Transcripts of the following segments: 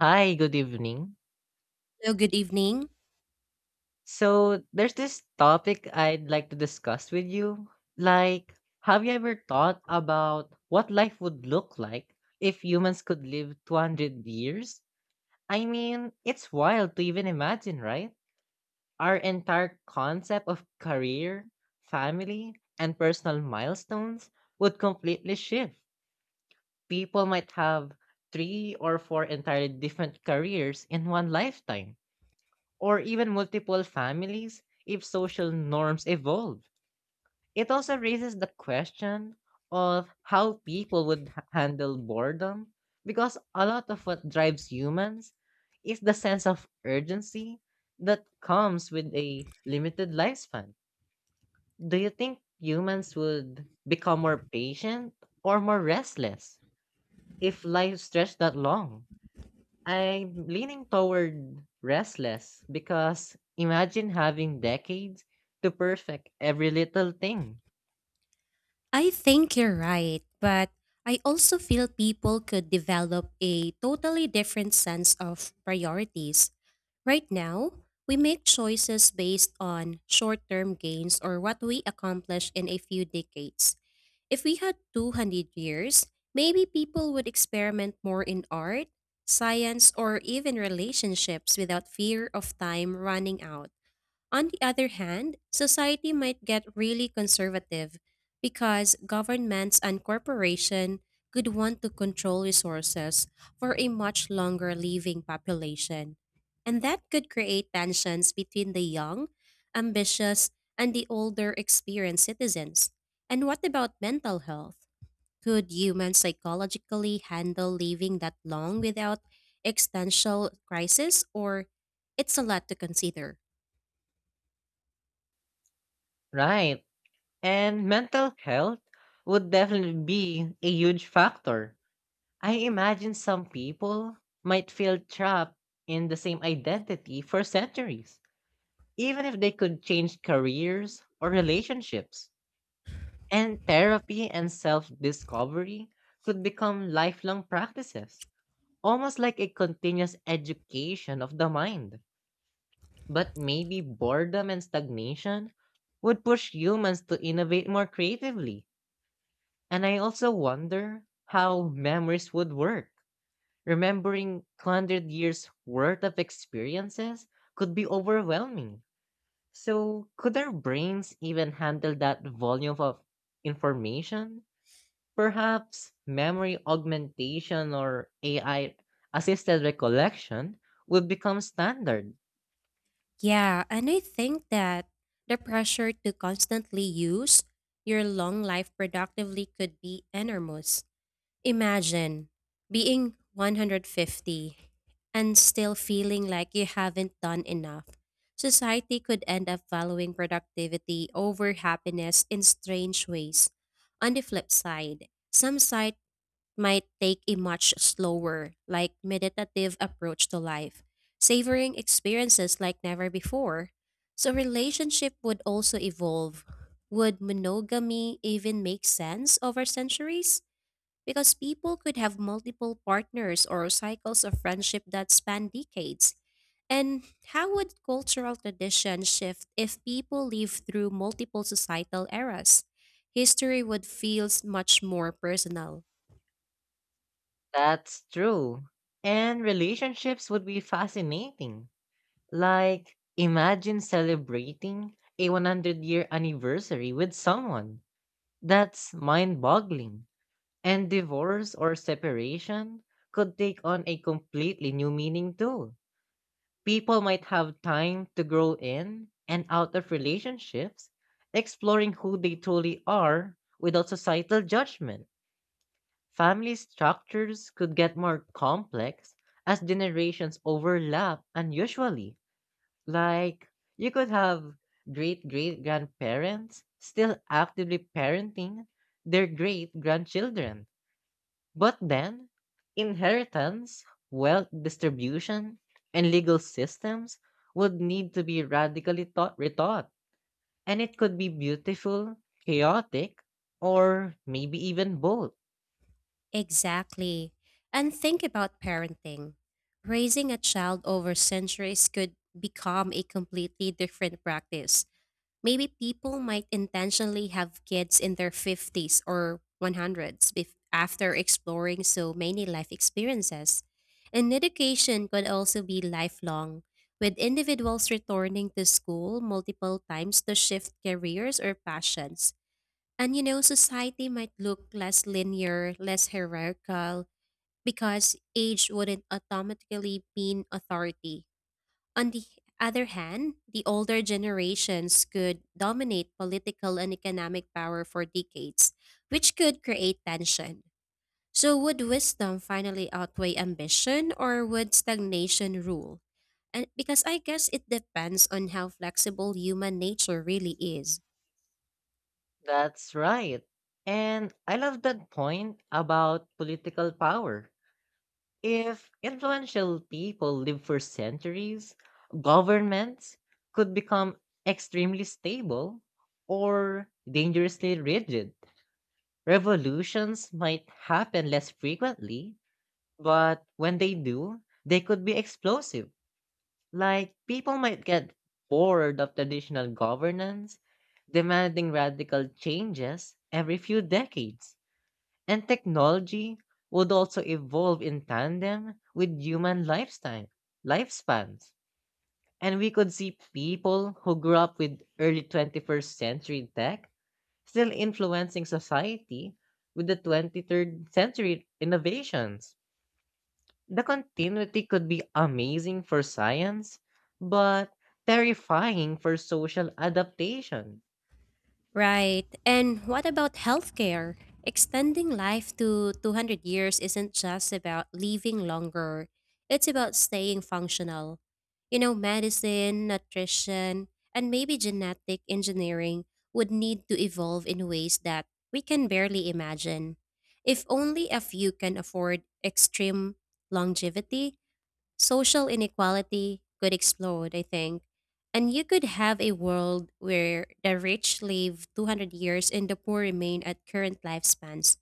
Hi, good evening. Hello, good evening. So, there's this topic I'd like to discuss with you. Like, have you ever thought about what life would look like if humans could live 200 years? I mean, it's wild to even imagine, right? Our entire concept of career, family, and personal milestones would completely shift. People might have three or four entirely different careers in one lifetime or even multiple families if social norms evolve. It also raises the question of how people would handle boredom because a lot of what drives humans is the sense of urgency that comes with a limited lifespan. Do you think humans would become more patient or more restless if life stretched that long? I'm leaning toward restless because imagine having decades to perfect every little thing. I think you're right, but I also feel people could develop a totally different sense of priorities. Right now, we make choices based on short term gains or what we accomplish in a few decades. If we had 200 years, maybe people would experiment more in art, science, or even relationships without fear of time running out. On the other hand, society might get really conservative because governments and corporations could want to control resources for a much longer living population. And that could create tensions between the young, ambitious, and the older experienced citizens. And what about mental health? Could humans psychologically handle living that long without existential crisis, or it's a lot to consider? Right. And mental health would definitely be a huge factor. I imagine some people might feel trapped in the same identity for centuries, even if they could change careers or relationships. And therapy and self discovery could become lifelong practices, almost like a continuous education of the mind. But maybe boredom and stagnation would push humans to innovate more creatively. And I also wonder how memories would work. Remembering 200 years worth of experiences could be overwhelming. So, could our brains even handle that volume of information? Perhaps memory augmentation or AI assisted recollection would become standard. Yeah, and I think that the pressure to constantly use your long life productively could be enormous. Imagine being 150 and still feeling like you haven't done enough. Society could end up valuing productivity over happiness in strange ways. On the flip side, some might take a much slower, like meditative approach to life, savoring experiences like never before. So relationship would also evolve. Would monogamy even make sense over centuries? Because people could have multiple partners or cycles of friendship that span decades. And how would cultural tradition shift if people live through multiple societal eras? History would feel much more personal. That's true. And relationships would be fascinating. Like, imagine celebrating a 100-year anniversary with someone. That's mind boggling. And divorce or separation could take on a completely new meaning too. People might have time to grow in and out of relationships, exploring who they truly are without societal judgment. Family structures could get more complex as generations overlap unusually. Like, you could have great great grandparents still actively parenting their great grandchildren. But then, inheritance, wealth distribution, and legal systems would need to be radically taught, retaught, and it could be beautiful, chaotic, or maybe even both. Exactly. And think about parenting. Raising a child over centuries could become a completely different practice. Maybe people might intentionally have kids in their 50s or 100s after exploring so many life experiences. And education could also be lifelong, with individuals returning to school multiple times to shift careers or passions. And you know, society might look less linear, less hierarchical, because age wouldn't automatically mean authority. On the other hand, the older generations could dominate political and economic power for decades, which could create tension. So, would wisdom finally outweigh ambition, or would stagnation rule? And because I guess it depends on how flexible human nature really is. That's right. And I love that point about political power. If influential people live for centuries, governments could become extremely stable or dangerously rigid. Revolutions might happen less frequently, but when they do, they could be explosive. Like, people might get bored of traditional governance, demanding radical changes every few decades. And technology would also evolve in tandem with human lifestyle, lifespans. And we could see people who grew up with early 21st century tech still influencing society with the 23rd century innovations. The continuity could be amazing for science, but terrifying for social adaptation. Right. And what about healthcare? Extending life to 200 years isn't just about living longer, it's about staying functional. You know, medicine, nutrition, and maybe genetic engineering would need to evolve in ways that we can barely imagine. If only a few can afford extreme longevity, social inequality could explode, I think. And you could have a world where the rich live 200 years and the poor remain at current lifespans.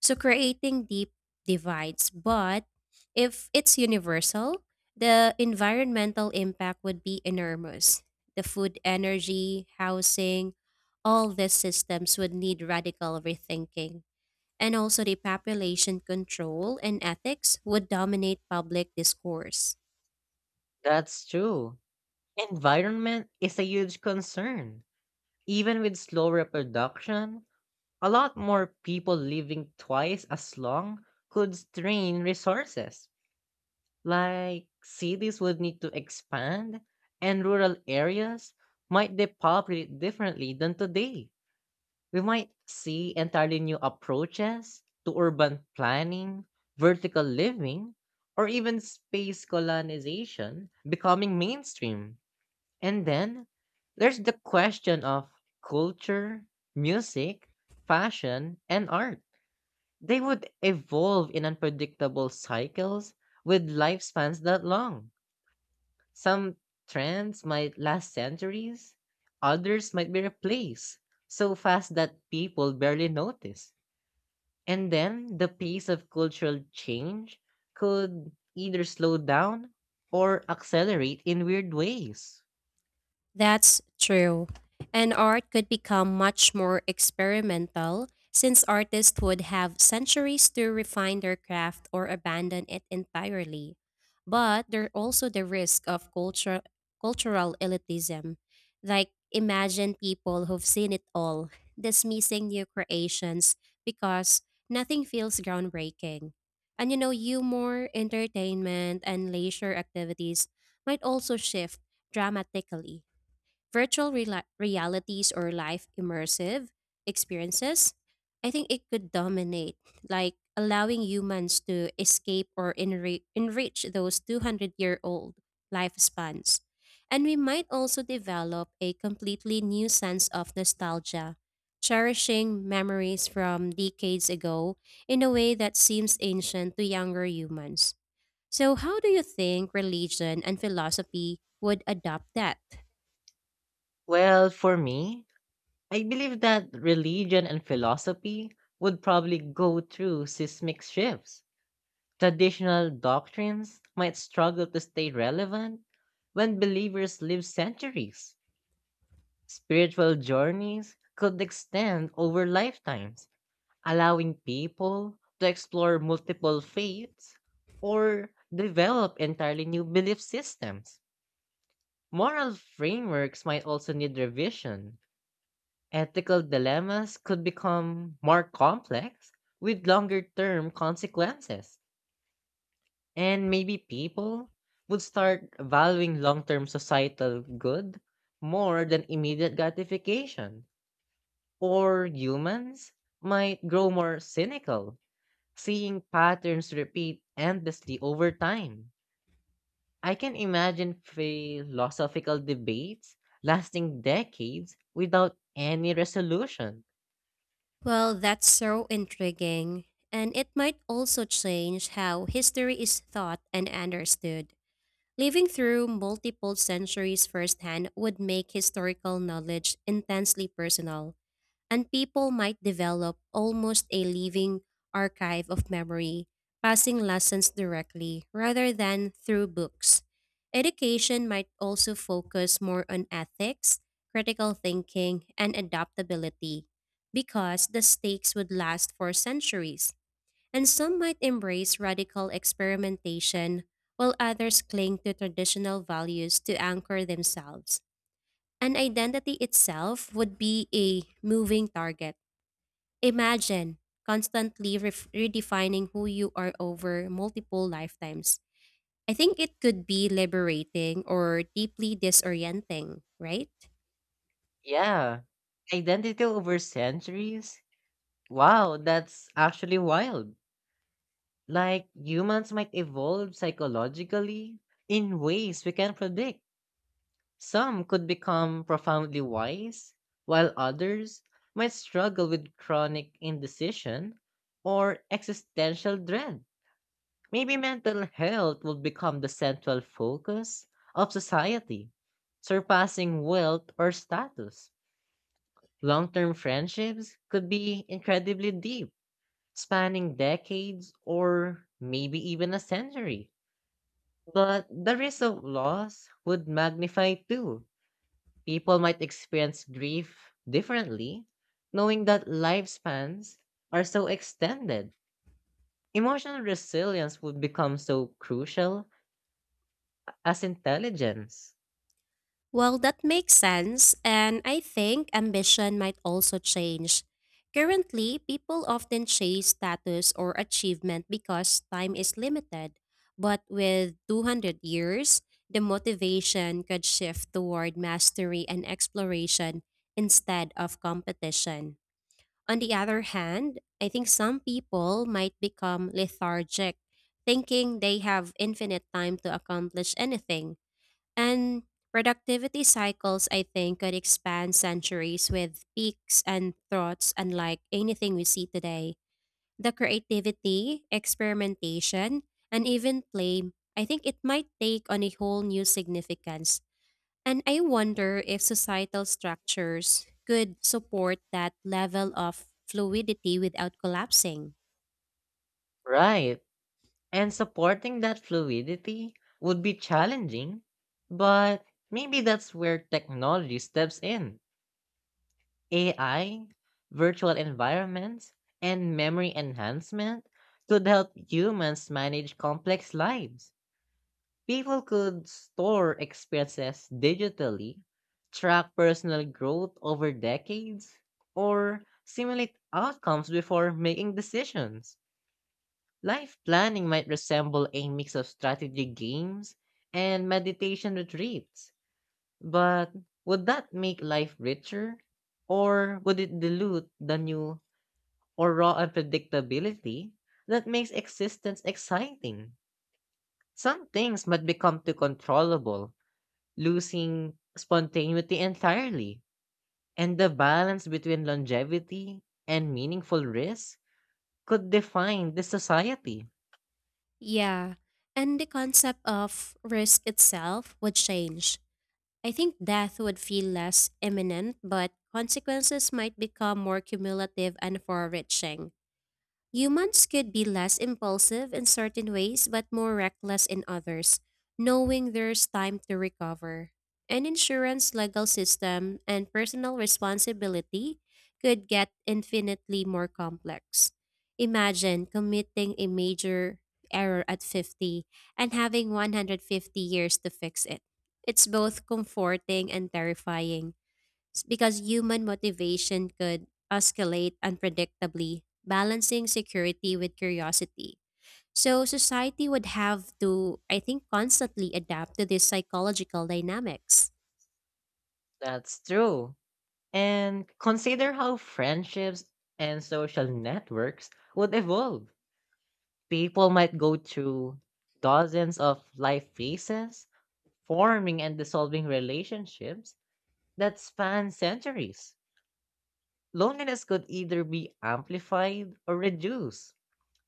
So creating deep divides. But if it's universal, the environmental impact would be enormous. The food, energy, housing, all these systems would need radical rethinking. And also, the population control and ethics would dominate public discourse. That's true. Environment is a huge concern. Even with slow reproduction, a lot more people living twice as long could strain resources. Like, cities would need to expand, and rural areas might depopulate differently than today. We might see entirely new approaches to urban planning, vertical living, or even space colonization becoming mainstream. And then there's the question of culture, music, fashion, and art. They would evolve in unpredictable cycles with lifespans that long. Some trends might last centuries, others might be replaced so fast that people barely notice. And then the pace of cultural change could either slow down or accelerate in weird ways. That's true. And art could become much more experimental since artists would have centuries to refine their craft or abandon it entirely. But there's also the risk of cultural elitism. Like, imagine people who've seen it all, dismissing new creations because nothing feels groundbreaking. And you know, humor, entertainment, and leisure activities might also shift dramatically virtual rela realities or live immersive experiences, I think it could dominate, like allowing humans to escape or enrich those 200-year-old lifespans. And we might also develop a completely new sense of nostalgia, cherishing memories from decades ago in a way that seems ancient to younger humans. So, how do you think religion and philosophy would adopt that? Well, for me, I believe that religion and philosophy would probably go through seismic shifts. Traditional doctrines might struggle to stay relevant when believers live centuries. Spiritual journeys could extend over lifetimes, allowing people to explore multiple faiths or develop entirely new belief systems. Moral frameworks might also need revision. Ethical dilemmas could become more complex with longer term consequences. And maybe people would start valuing long term societal good more than immediate gratification, or humans might grow more cynical, seeing patterns repeat endlessly over time. I can imagine philosophical debates lasting decades without any resolution. Well, that's so intriguing. And it might also change how history is thought and understood. Living through multiple centuries firsthand would make historical knowledge intensely personal and people might develop almost a living archive of memory, passing lessons directly rather than through books. Education might also focus more on ethics, critical thinking, and adaptability because the stakes would last for centuries. And some might embrace radical experimentation, while others cling to traditional values to anchor themselves. And identity itself would be a moving target. Imagine constantly redefining who you are over multiple lifetimes. I think it could be liberating or deeply disorienting, right? Yeah, identity over centuries? Wow, that's actually wild. Like, humans might evolve psychologically in ways we can predict. Some could become profoundly wise, while others might struggle with chronic indecision or existential dread. Maybe mental health will become the central focus of society, surpassing wealth or status. Long term friendships could be incredibly deep, spanning decades or maybe even a century. But the risk of loss would magnify too. People might experience grief differently, knowing that lifespans are so extended. Emotional resilience would become so crucial as intelligence. Well, that makes sense. And I think ambition might also change. Currently, people often chase status or achievement because time is limited. But with 200 years, the motivation could shift toward mastery and exploration instead of competition. On the other hand, I think some people might become lethargic, thinking they have infinite time to accomplish anything. And productivity cycles, I think, could expand centuries with peaks and throats unlike anything we see today. The creativity, experimentation, and even play, I think it might take on a whole new significance and I wonder if societal structures could support that level of fluidity without collapsing. Right. And supporting that fluidity would be challenging, but maybe that's where technology steps in. AI, virtual environments, and memory enhancement could help humans manage complex lives. People could store expenses digitally, track personal growth over decades, or simulate outcomes before making decisions. Life planning might resemble a mix of strategy games and meditation retreats, but would that make life richer? Or would it dilute the new or raw unpredictability that makes existence exciting? Some things might become too controllable, losing spontaneity entirely, and the balance between longevity and meaningful risk could define the society. Yeah, and the concept of risk itself would change. I think death would feel less imminent, but consequences might become more cumulative and far reaching. Humans could be less impulsive in certain ways, but more reckless in others, knowing there's time to recover. An insurance legal system and personal responsibility could get infinitely more complex. Imagine committing a major error at 50 and having 150 years to fix it. It's both comforting and terrifying it's because human motivation could escalate unpredictably, balancing security with curiosity. So society would have to, I think, constantly adapt to these psychological dynamics. That's true. And consider how friendships and social networks would evolve. People might go through dozens of life phases, forming and dissolving relationships that span centuries. Loneliness could either be amplified or reduced.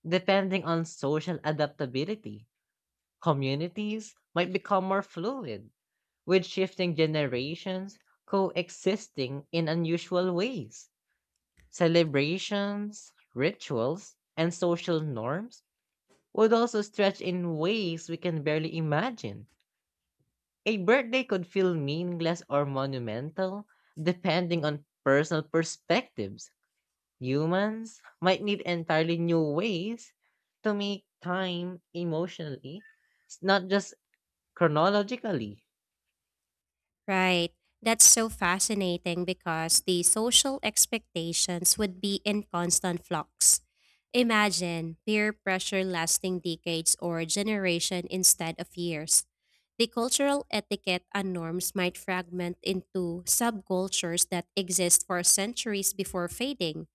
Depending on social adaptability, communities might become more fluid, with shifting generations coexisting in unusual ways. Celebrations, rituals, and social norms would also stretch in ways we can barely imagine. A birthday could feel meaningless or monumental, depending on personal perspectives. Humans might need entirely new ways to make time emotionally, not just chronologically. Right. That's so fascinating because the social expectations would be in constant flux. Imagine peer pressure lasting decades or generation instead of years. The cultural etiquette and norms might fragment into subcultures that exist for centuries before fading.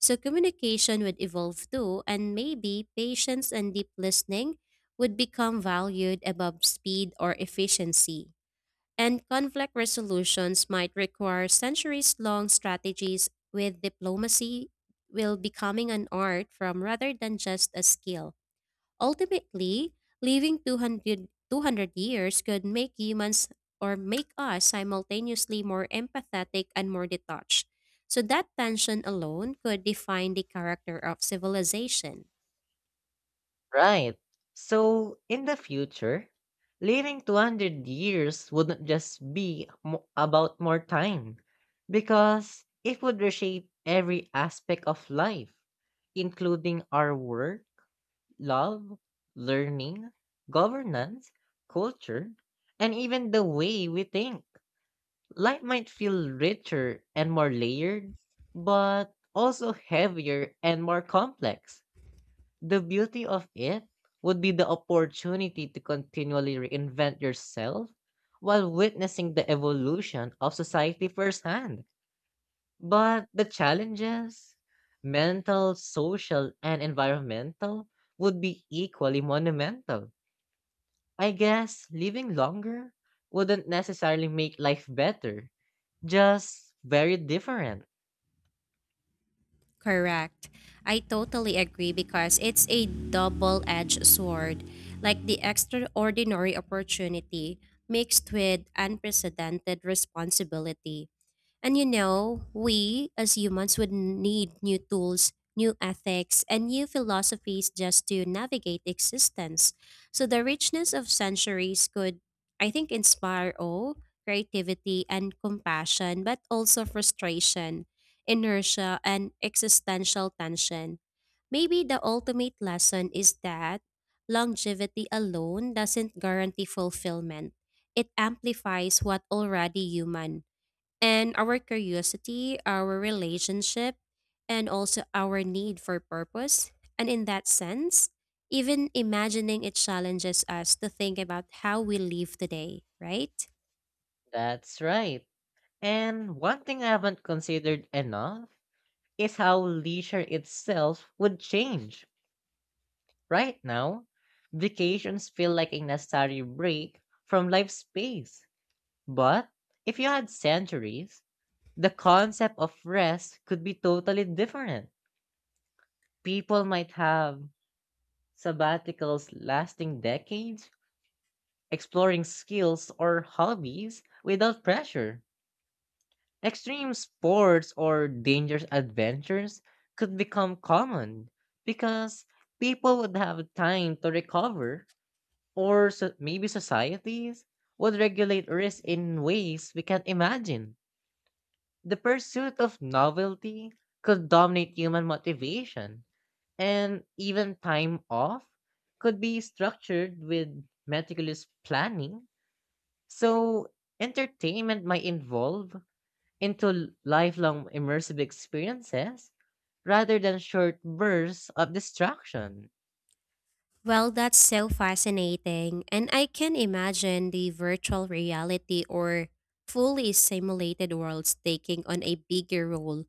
So communication would evolve too, and maybe patience and deep listening would become valued above speed or efficiency and conflict resolutions might require centuries long strategies with diplomacy will becoming an art from rather than just a skill. Ultimately, living two hundred years could make humans or make us simultaneously more empathetic and more detached. So that tension alone could define the character of civilization. Right. So, in the future, living 200 years wouldn't just be about more time, because it would reshape every aspect of life, including our work, love, learning, governance, culture, and even the way we think. Life might feel richer and more layered, but also heavier and more complex. The beauty of it would be the opportunity to continually reinvent yourself while witnessing the evolution of society firsthand. But the challenges, mental, social, and environmental, would be equally monumental. I guess living longer wouldn't necessarily make life better, just very different. Correct. I totally agree because it's a double edged sword. Like the extraordinary opportunity mixed with unprecedented responsibility. And you know, we as humans would need new tools, new ethics, and new philosophies just to navigate existence. So the richness of centuries could, I think, inspire awe, creativity, and compassion, but also frustration, inertia, and existential tension. Maybe the ultimate lesson is that longevity alone doesn't guarantee fulfillment. It amplifies what already human and our curiosity, our relationship, and also our need for purpose. And in that sense, even imagining it challenges us to think about how we live today, right? That's right. And one thing I haven't considered enough is how leisure itself would change. Right now, vacations feel like a necessary break from life's pace. But if you had centuries, the concept of rest could be totally different. People might have sabbaticals lasting decades, exploring skills or hobbies without pressure. Extreme sports or dangerous adventures could become common because people would have time to recover, or maybe societies would regulate risk in ways we can't imagine. The pursuit of novelty could dominate human motivation, and even time off could be structured with meticulous planning. So, entertainment might evolve into lifelong immersive experiences rather than short bursts of distraction. Well, that's so fascinating. And I can imagine the virtual reality or fully simulated worlds taking on a bigger role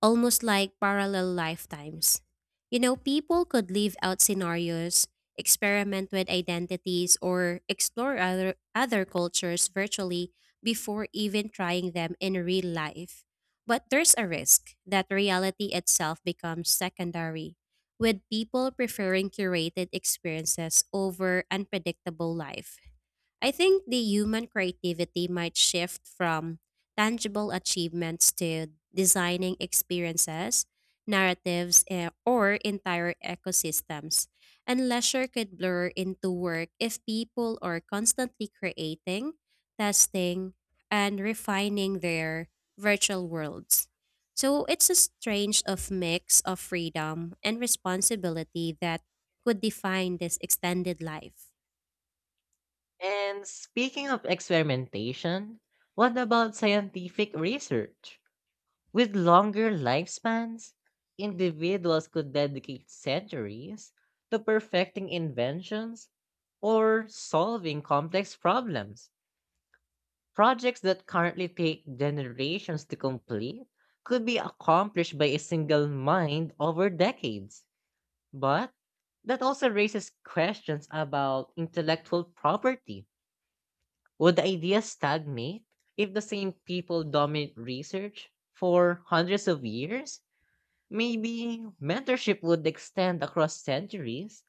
almost like parallel lifetimes. You know, people could live out scenarios, experiment with identities, or explore other cultures virtually before even trying them in real life. But there's a risk that reality itself becomes secondary, with people preferring curated experiences over unpredictable life. I think the human creativity might shift from tangible achievements to designing experiences, narratives, or entire ecosystems. And leisure could blur into work if people are constantly creating, testing, and refining their virtual worlds. So it's a strange of mix of freedom and responsibility that could define this extended life. And speaking of experimentation, what about scientific research? With longer lifespans, individuals could dedicate centuries to perfecting inventions or solving complex problems. Projects that currently take generations to complete could be accomplished by a single mind over decades. But that also raises questions about intellectual property. Would the idea stagnate if the same people dominate research for hundreds of years? Maybe mentorship would extend across centuries,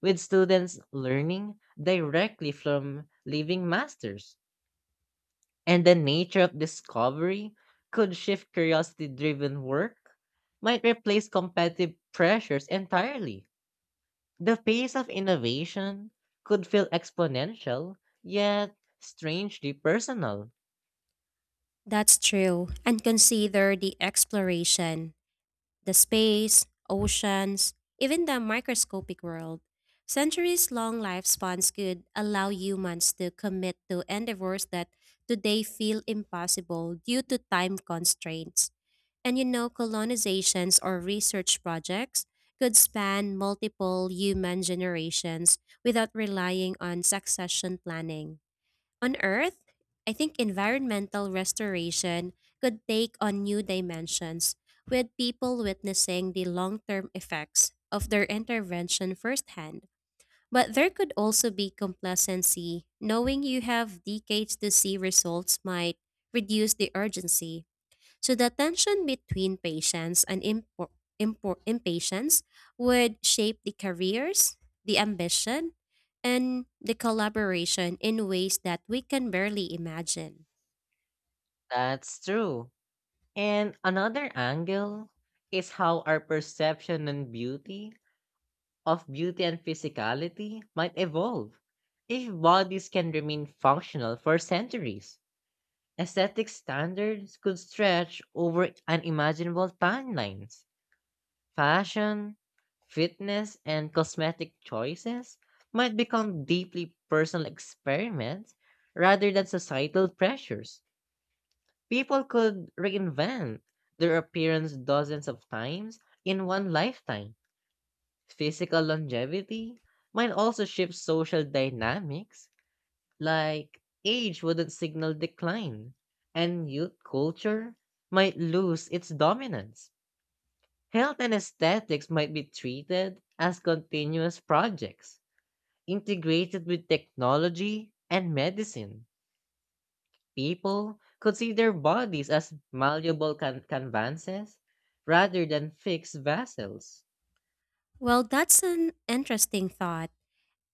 with students learning directly from living masters. And the nature of discovery could shift, curiosity driven work might replace competitive pressures entirely. The pace of innovation could feel exponential, yet strangely personal. That's true. And consider the exploration, the space, oceans, even the microscopic world. Centuries long lifespans could allow humans to commit to endeavors that today feel impossible due to time constraints. And you know, colonizations or research projects could span multiple human generations without relying on succession planning. On Earth, I think environmental restoration could take on new dimensions, with people witnessing the long term effects of their intervention firsthand. But there could also be complacency, knowing you have decades to see results might reduce the urgency. So the tension between patience and impatience would shape the careers, the ambition, and the collaboration in ways that we can barely imagine. That's true. And another angle is how our perception and beauty of beauty and physicality might evolve if bodies can remain functional for centuries. Aesthetic standards could stretch over unimaginable timelines. Fashion, fitness, and cosmetic choices might become deeply personal experiments rather than societal pressures. People could reinvent their appearance dozens of times in one lifetime. Physical longevity might also shift social dynamics. Like, age wouldn't signal decline, and youth culture might lose its dominance. Health and aesthetics might be treated as continuous projects, integrated with technology and medicine. People could see their bodies as malleable canvases rather than fixed vessels. Well, that's an interesting thought.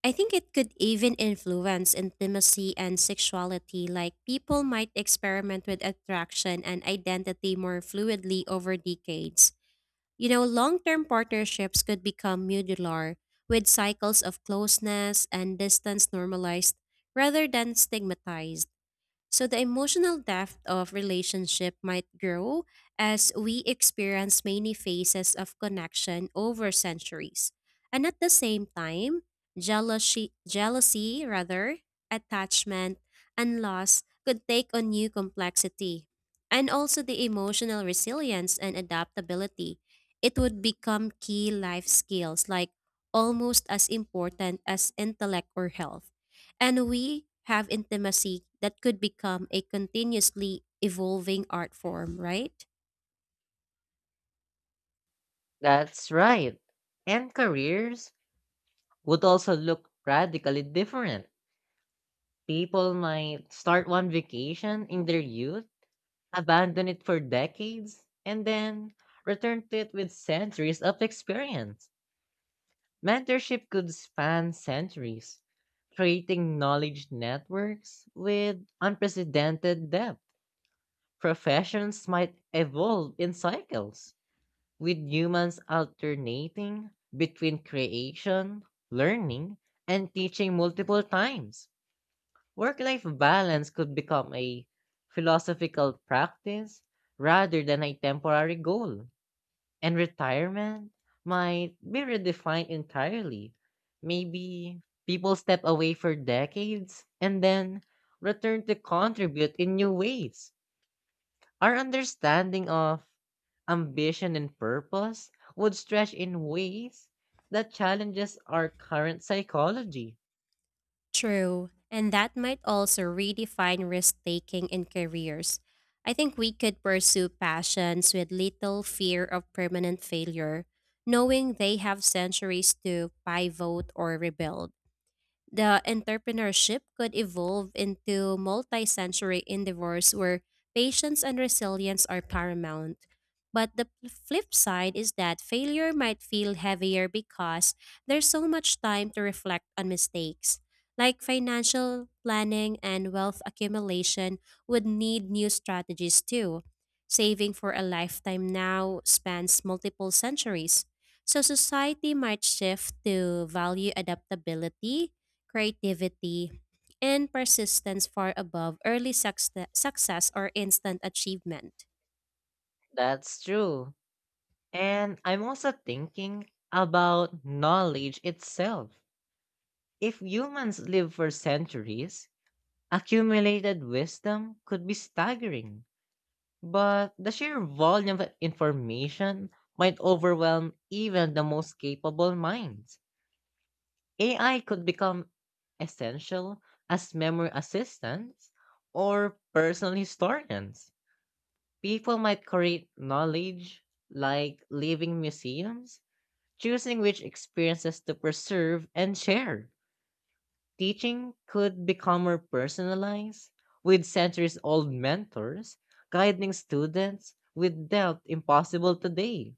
I think it could even influence intimacy and sexuality, like people might experiment with attraction and identity more fluidly over decades. You know, long term partnerships could become modular, with cycles of closeness and distance normalized rather than stigmatized. So the emotional depth of relationship might grow as we experience many phases of connection over centuries. And at the same time, jealousy, attachment, and loss could take on new complexity. And also the emotional resilience and adaptability. It would become key life skills, like almost as important as intellect or health. And we have intimacy that could become a continuously evolving art form, right? That's right. And careers would also look radically different. People might start one vacation in their youth, abandon it for decades, and then return to it with centuries of experience. Mentorship could span centuries, creating knowledge networks with unprecedented depth. Professions might evolve in cycles, with humans alternating between creation, learning, and teaching multiple times. Work life balance could become a philosophical practice rather than a temporary goal. And retirement might be redefined entirely. Maybe people step away for decades and then return to contribute in new ways. Our understanding of ambition and purpose would stretch in ways that challenges our current psychology. True. And that might also redefine risk taking in careers. I think we could pursue passions with little fear of permanent failure, knowing they have centuries to pivot or rebuild. The entrepreneurship could evolve into multi-sensory endeavors where patience and resilience are paramount. But the flip side is that failure might feel heavier because there's so much time to reflect on mistakes. Like financial planning and wealth accumulation would need new strategies too. Saving for a lifetime now spans multiple centuries. So society might shift to value adaptability creativity, and persistence far above early success or instant achievement. That's true. And I'm also thinking about knowledge itself. If humans live for centuries, accumulated wisdom could be staggering, but the sheer volume of information might overwhelm even the most capable minds. AI could become essential as memory assistants or personal historians. People might create knowledge like living museums, choosing which experiences to preserve and share. Teaching could become more personalized, with centuries old mentors guiding students with depth impossible today.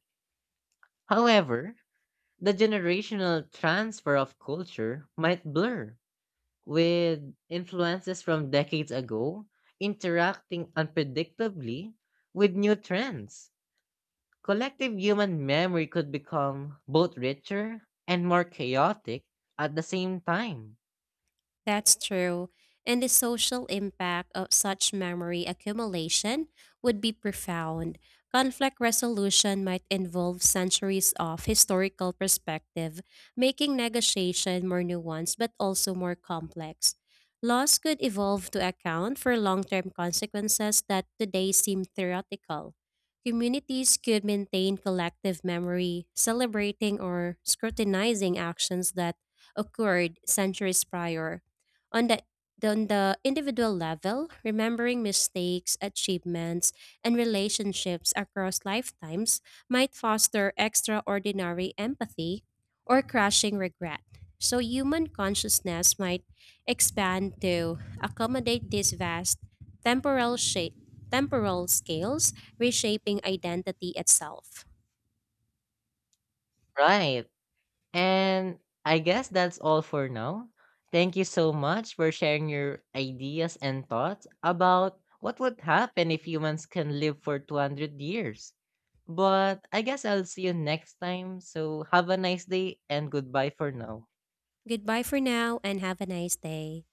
However, the generational transfer of culture might blur, with influences from decades ago interacting unpredictably with new trends. Collective human memory could become both richer and more chaotic at the same time. That's true. And the social impact of such memory accumulation would be profound. Conflict resolution might involve centuries of historical perspective, making negotiation more nuanced but also more complex. Laws could evolve to account for long term consequences that today seem theoretical. Communities could maintain collective memory, celebrating or scrutinizing actions that occurred centuries prior on the individual level, remembering mistakes, achievements, and relationships across lifetimes might foster extraordinary empathy or crushing regret. So, human consciousness might expand to accommodate these vast temporal, sha- temporal scales, reshaping identity itself. Right. And I guess that's all for now. Thank you so much for sharing your ideas and thoughts about what would happen if humans can live for 200 years. But I guess I'll see you next time. So have a nice day and goodbye for now. Goodbye for now and have a nice day.